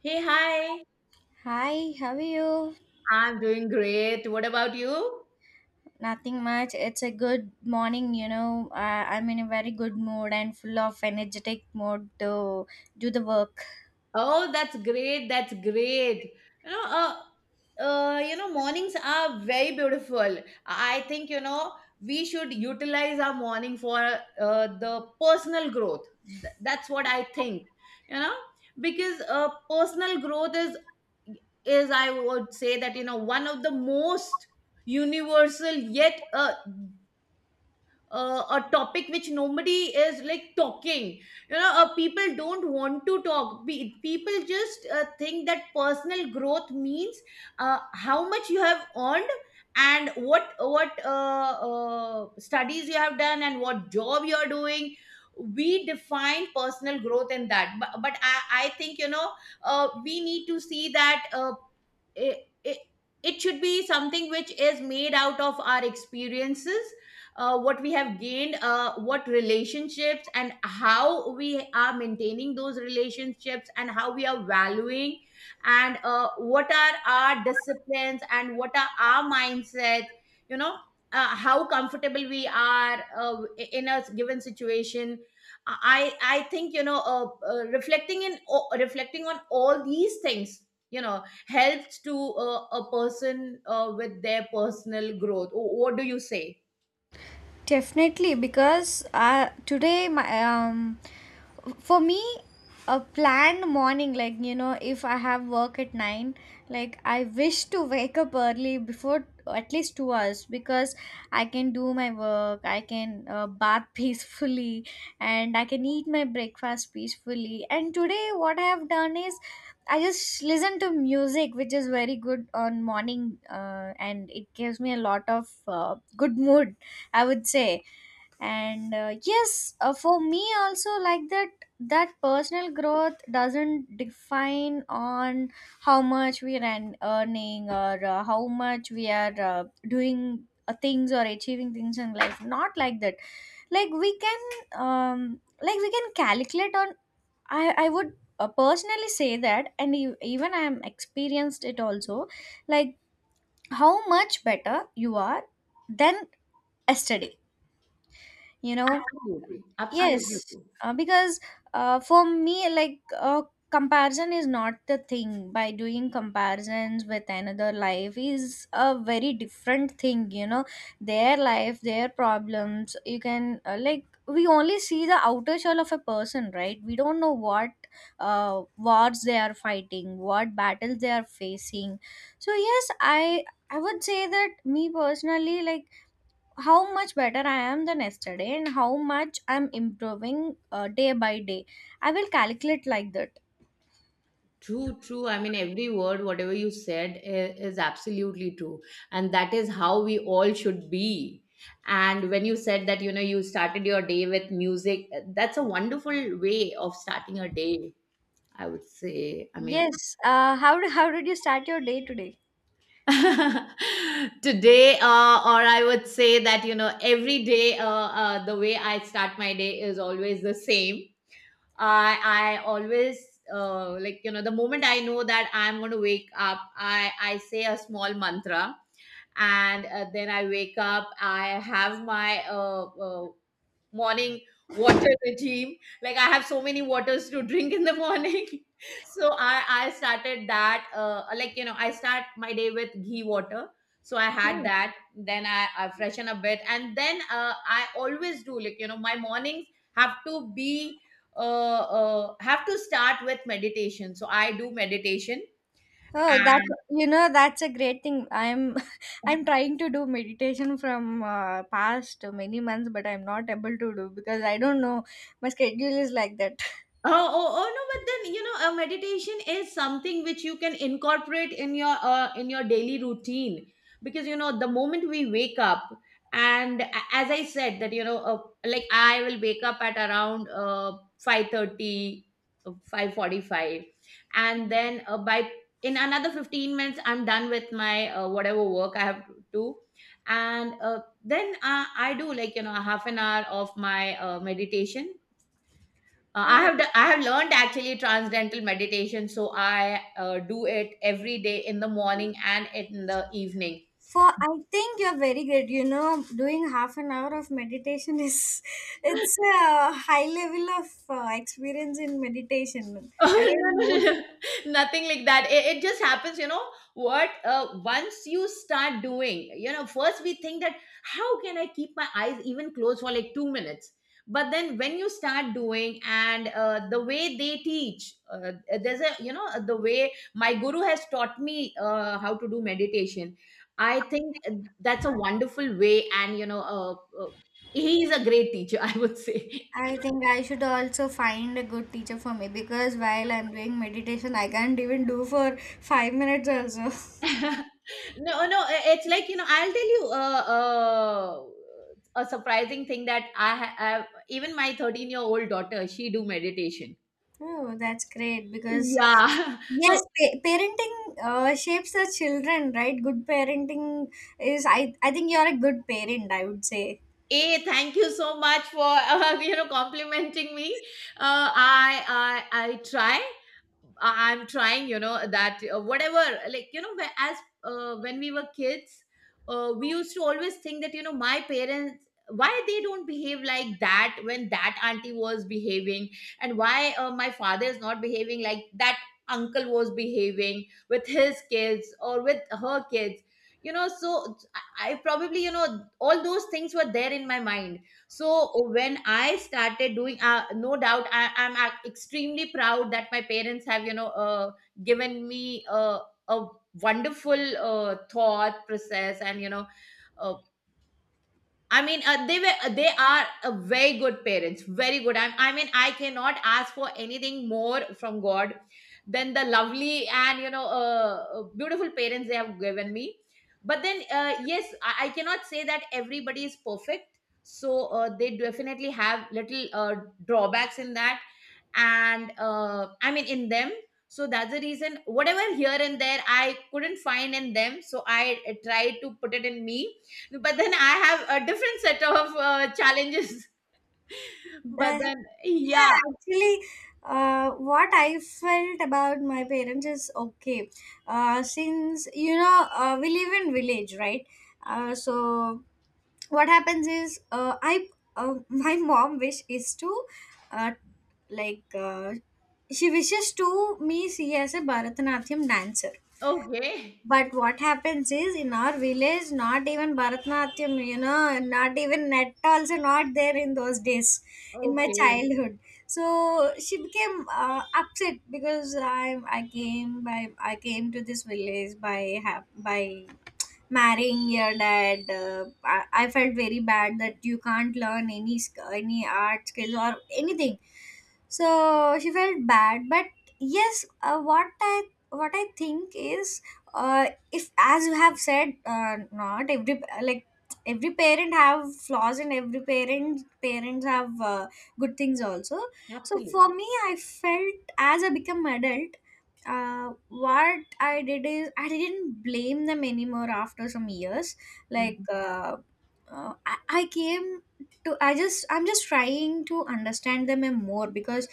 Hey, hi. Hi, how are you? I'm doing great. What about you? Nothing much. It's a good morning, you know. I'm in a very good mood and full of energetic mode to do the work. Oh, that's great. That's great. You know, uh, you know, mornings are very beautiful. I think, you know, we should utilize our morning for the personal growth. That's what I think, you know, because personal growth is, I would say you know, one of the most universal yet a topic which nobody is like talking, you know. People don't want to talk. People just think that personal growth means how much you have earned and what studies you have done and what job you are doing. We define personal growth in that, but I think, you know, we need to see that, uh, it, it, it should be something which is made out of our experiences, what we have gained, what relationships and how we are maintaining those relationships and how we are valuing, and what are our disciplines and what are our mindsets? You know, how comfortable we are in a given situation. I think, you know, reflecting on all these things, you know, helps to a person with their personal growth. What do you say? Definitely, because today my for me a planned morning, like you know, if I have work at 9, like I wish to wake up early before at least 2 hours because I can do my work, I can bath peacefully, and I can eat my breakfast peacefully. And today what I have done is I just listen to music, which is very good on morning, and it gives me a lot of good mood, I would say. And yes, for me also, like that, that personal growth doesn't define on how much we are earning, or how much we are doing things or achieving things in life. Not like that. Like we can like we can calculate on, I would personally say that, and even I am experienced it also, like how much better you are than yesterday, you know. Absolutely, absolutely Yes, true. Because for me, like comparison is not the thing. By doing comparisons with another life is a very different thing, you know. Their life, their problems, you can like we only see the outer shell of a person, right? We don't know what wars they are fighting, what battles they are facing. So yes, I would say that me personally, like how much better I am than yesterday and how much I'm improving day by day. I will calculate like that. True, true. I mean, every word, whatever you said, is absolutely true. And that is how we all should be. And when you said that, you know, you started your day with music, that's a wonderful way of starting a day, I would say. I mean, Yes. How how did you start your day today? today, or I would say that, you know, every day, the way I start my day is always the same. I always, like, you know, the moment I know that I'm going to wake up, I say a small mantra, and then I wake up. I have my morning water regime. Like, I have so many waters to drink in the morning. So I started that. Like, you know, I start my day with ghee water, so I had Oh. that. Then I freshen a bit, and then I always do, like, you know, my mornings have to be, have to start with meditation, so I do meditation. Oh, that's a great thing. I'm I'm trying to do meditation from past many months, but I'm not able to do because I don't know, my schedule is like that. Oh, oh, oh no. But then, you know, a meditation is something which you can incorporate in your, in your daily routine, because, you know, the moment we wake up, and as I said that, you know, like, I will wake up at around 5:30, 5:45, and then by, in another 15 minutes, I'm done with my, whatever work I have to do. And then I do, like, you know, half an hour of my meditation. I have learned, actually, transcendental meditation, so I do it every day in the morning and in the evening. For I think you're very good. You know, doing half an hour of meditation is it's a high level of experience in meditation. I Oh, no, don't know. no, no. Nothing like that. It just happens, you know. What Once you start doing, you know, first we think that, how can I keep my eyes even closed for like 2 minutes? But then when you start doing, and the way they teach, there's a, you know, the way my guru has taught me how to do meditation. I think that's a wonderful way. And, you know, uh, he is a great teacher, I would say. I think I should also find a good teacher for me, because while I'm doing meditation, I can't even do for 5 minutes also. No, no. It's like, you know, I'll tell you, a surprising thing, that have, even my 13-year-old year old daughter, she do meditation. Oh, that's great, because Yeah. yes, So, parenting shapes the children, right? Good parenting is I think you're a good parent, I would say. a, thank you so much for you know, complimenting me. I I try. I'm trying, you know, that whatever, like, you know, as when we were kids, we used to always think that, you know, my parents, why they don't behave like that when that auntie was behaving, and why my father is not behaving like that uncle was behaving with his kids or with her kids, you know. So I probably, you know, all those things were there in my mind. So when I started doing, no doubt I'm extremely proud that my parents have, you know, given me a wonderful thought process, and you know, uh, I mean, they are very good parents, very good. I mean, I cannot ask for anything more from God than the lovely, and you know, beautiful parents they have given me. But then, yes, I cannot say that everybody is perfect. So they definitely have little drawbacks in that, and I mean, in them. So that's the reason. Whatever here and there I couldn't find in them, so I tried to put it in me. But then I have a different set of challenges. But That, then, yeah. Yeah, actually, what I felt about my parents is okay. Since you know, we live in village, right? So what happens is, I my mom wish is to, uh, like, she wishes to me see as a Bharatanatyam dancer. Okay, But what happens is in our village, not even Bharatanatyam, you know, not even net also, not there in those days, in my okay. childhood. So she became upset, because I came to this village by marrying your dad. I felt very bad that you can't learn any any art skills or anything, so she felt bad. But yes, what I think is, uh, if, as you have said, not every, like, every parent have flaws and every parent parents have good things also. So for Absolutely. me, I felt, as I become adult, what I did is I didn't blame them anymore after some years. Like, Mhm. I came to I just I'm just trying to understand them more, because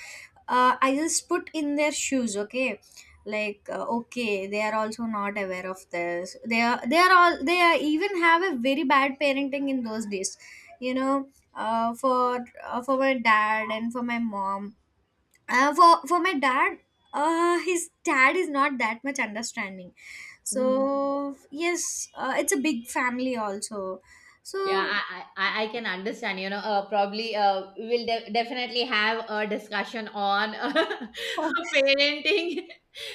I just put in their shoes. Okay, like okay, they are also not aware of this. They are all they are even have a very bad parenting in those days, you know. For my dad and for my mom, for my dad, his dad is not that much understanding. Mhm. So yes, it's a big family also. Yeah, So I can understand, you know. Probably we'll definitely have a discussion on parenting.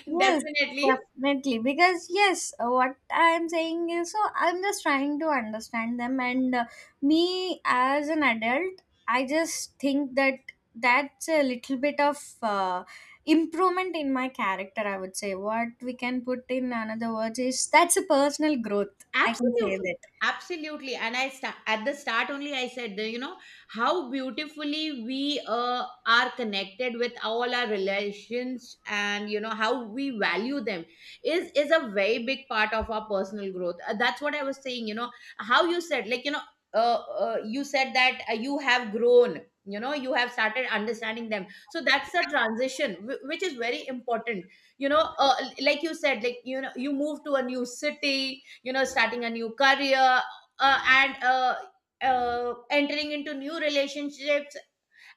yes, Definitely. definitely, because yes, what I'm saying is, so I'm just trying to understand them. And me as an adult, I just think that that's a little bit of uh, improvement in my character, I would say. What we can put in another words is, that's a personal growth, I can say Absolutely, that. absolutely. And I sta, at the start only, I said that, you know, how beautifully we are connected with all our relations, and, you know, how we value them is a very big part of our personal growth. That's what I was saying, you know, how you said, like, you know, uh, you said that you have grown. You know, you have started understanding them. So that's the transition, which is very important. You know, like you said, like, you know, you move to a new city, you know, starting a new career, and entering into new relationships,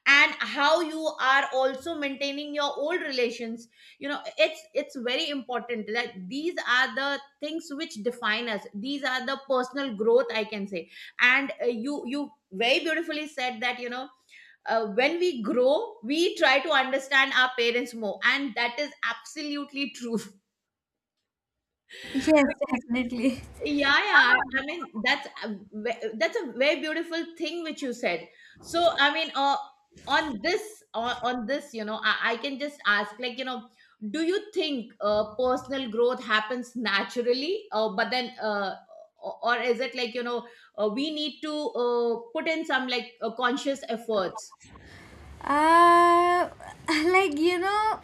and how you are also maintaining your old relations. You know, it's very important that these are the things which define us. These are the personal growth, I can say. And you, you very beautifully said that, you know, when we grow, we try to understand our parents more, and that is absolutely true. Yes, definitely. Yeah, yeah. I mean, that's a that's a very beautiful thing which you said. So, I mean, on this, you know, I can just ask, like, you know, do you think personal growth happens naturally, or is it like, you know, we need to put in some like conscious efforts? Uh, like you know,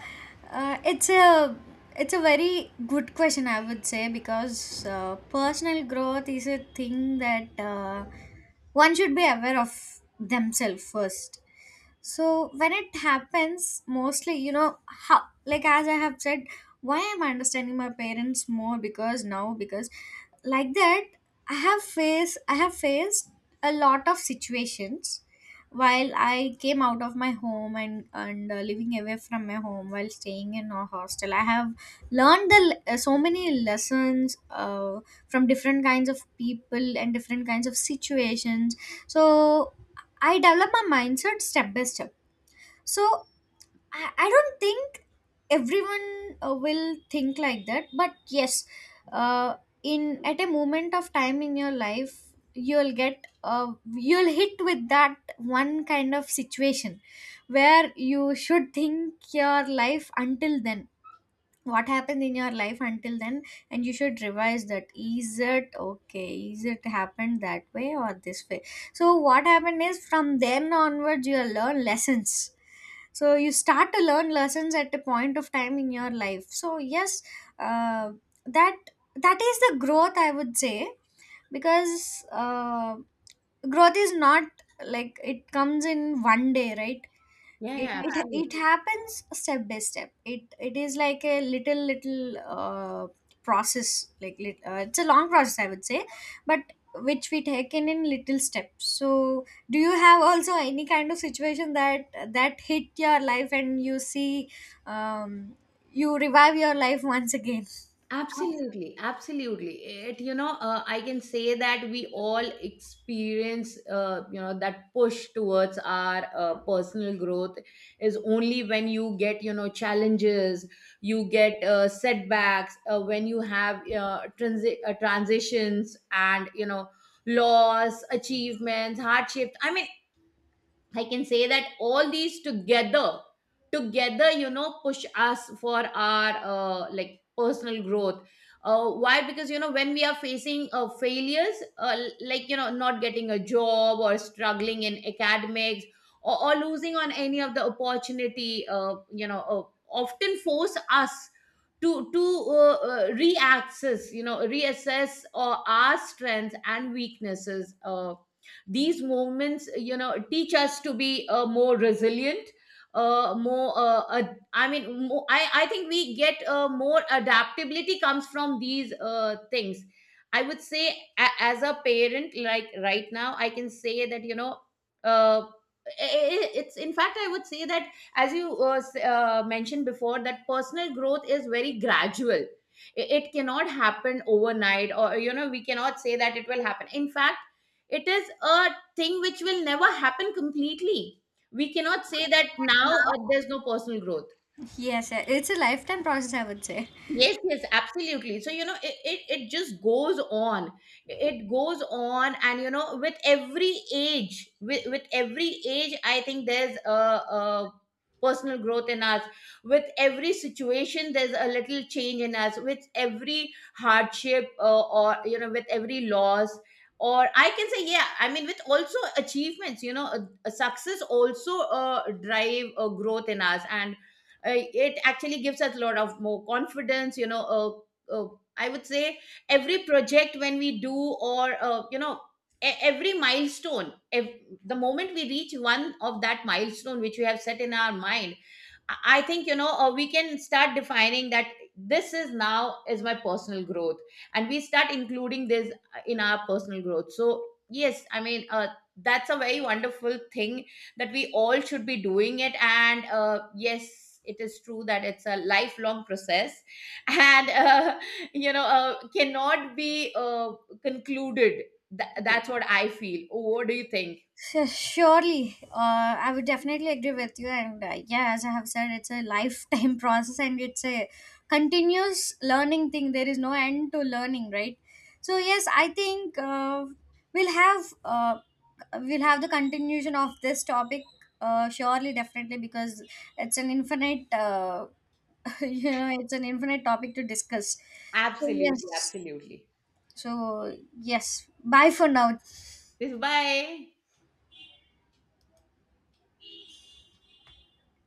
uh, it's a it's a very good question, I would say, because personal growth is a thing that one should be aware of themselves first. So when it happens, mostly, you know, how, like as I have said, why I'm understanding my parents more, because now, because like that, I have faced a lot of situations while I came out of my home, and living away from my home while staying in a hostel. I have learned the so many lessons from different kinds of people and different kinds of situations. So I developed my mindset step by step. So I don't think everyone will think like that, but yes, uh, in at a moment of time in your life, you'll get you'll hit with that one kind of situation, where you should think your life until then, what happened in your life until then, and you should revise that. Is it okay? Is it happened that way or this way? So what happened is, from then onwards, you learn lessons. So you start to learn lessons at a point of time in your life. So yes, uh, that that is the growth, I would say, because growth is not like it comes in one day, right? Yeah, it yeah, it absolutely. it happens step by step. It is like a little little process, like it's a long process, I would say, but which we take in little steps. So do you have also any kind of situation that hit your life, and you see, um, you revive your life once again? Absolutely, absolutely. It, you know, I can say that we all experience, you know, that push towards our personal growth is only when you get, you know, challenges, you get setbacks, when you have transitions, and, you know, loss, achievements, hardships. I mean, I can say that all these together, together, you know, push us for our like personal growth. Why? Because, you know, when we are facing failures, like, you know, not getting a job, or struggling in academics, or losing on any of the opportunity, often force us to reaccess, you know, reassess our strengths and weaknesses. These movements, you know, teach us to be more resilient, I mean, more, I think we get more adaptability comes from these things, I would say. As a parent, like right now I can say that, you know, uh, it's in fact, I would say, that as you mentioned before, that personal growth is very gradual. It cannot happen overnight, or, you know, we cannot say that it will happen. In fact, it is a thing which will never happen completely. We cannot say that now there's no personal growth. Yes, it's a lifetime process, I would say. Yes, yes, absolutely. So, you know, it just goes on. It goes on. And, you know, with every age, I think there's a personal growth in us. With every situation, there's a little change in us. With every hardship, or, you know, with every loss. Or I can say, yeah, I mean, with also achievements, you know, a success also drive a growth in us. And it actually gives us a lot of more confidence, you know. I would say, every project when we do, or you know, every milestone, the moment we reach one of that milestone which we have set in our mind, I think, you know, we can start defining that this is now is my personal growth, and we start including this in our personal growth. So yes, I mean, that's a very wonderful thing, that we all should be doing it. And yes, it is true that it's a lifelong process, and you know, cannot be concluded. That's what I feel. Oh, what do you think? Surely, I would definitely agree with you. And yeah, as I have said, it's a lifetime process, and it's a continuous learning thing. There is no end to learning, right? So yes, I think we'll have uh, we'll have the continuation of this topic. Surely, definitely, because it's an infinite, you know, it's an infinite topic to discuss. So Absolutely, yes, absolutely. so yes, bye for now. This. Bye.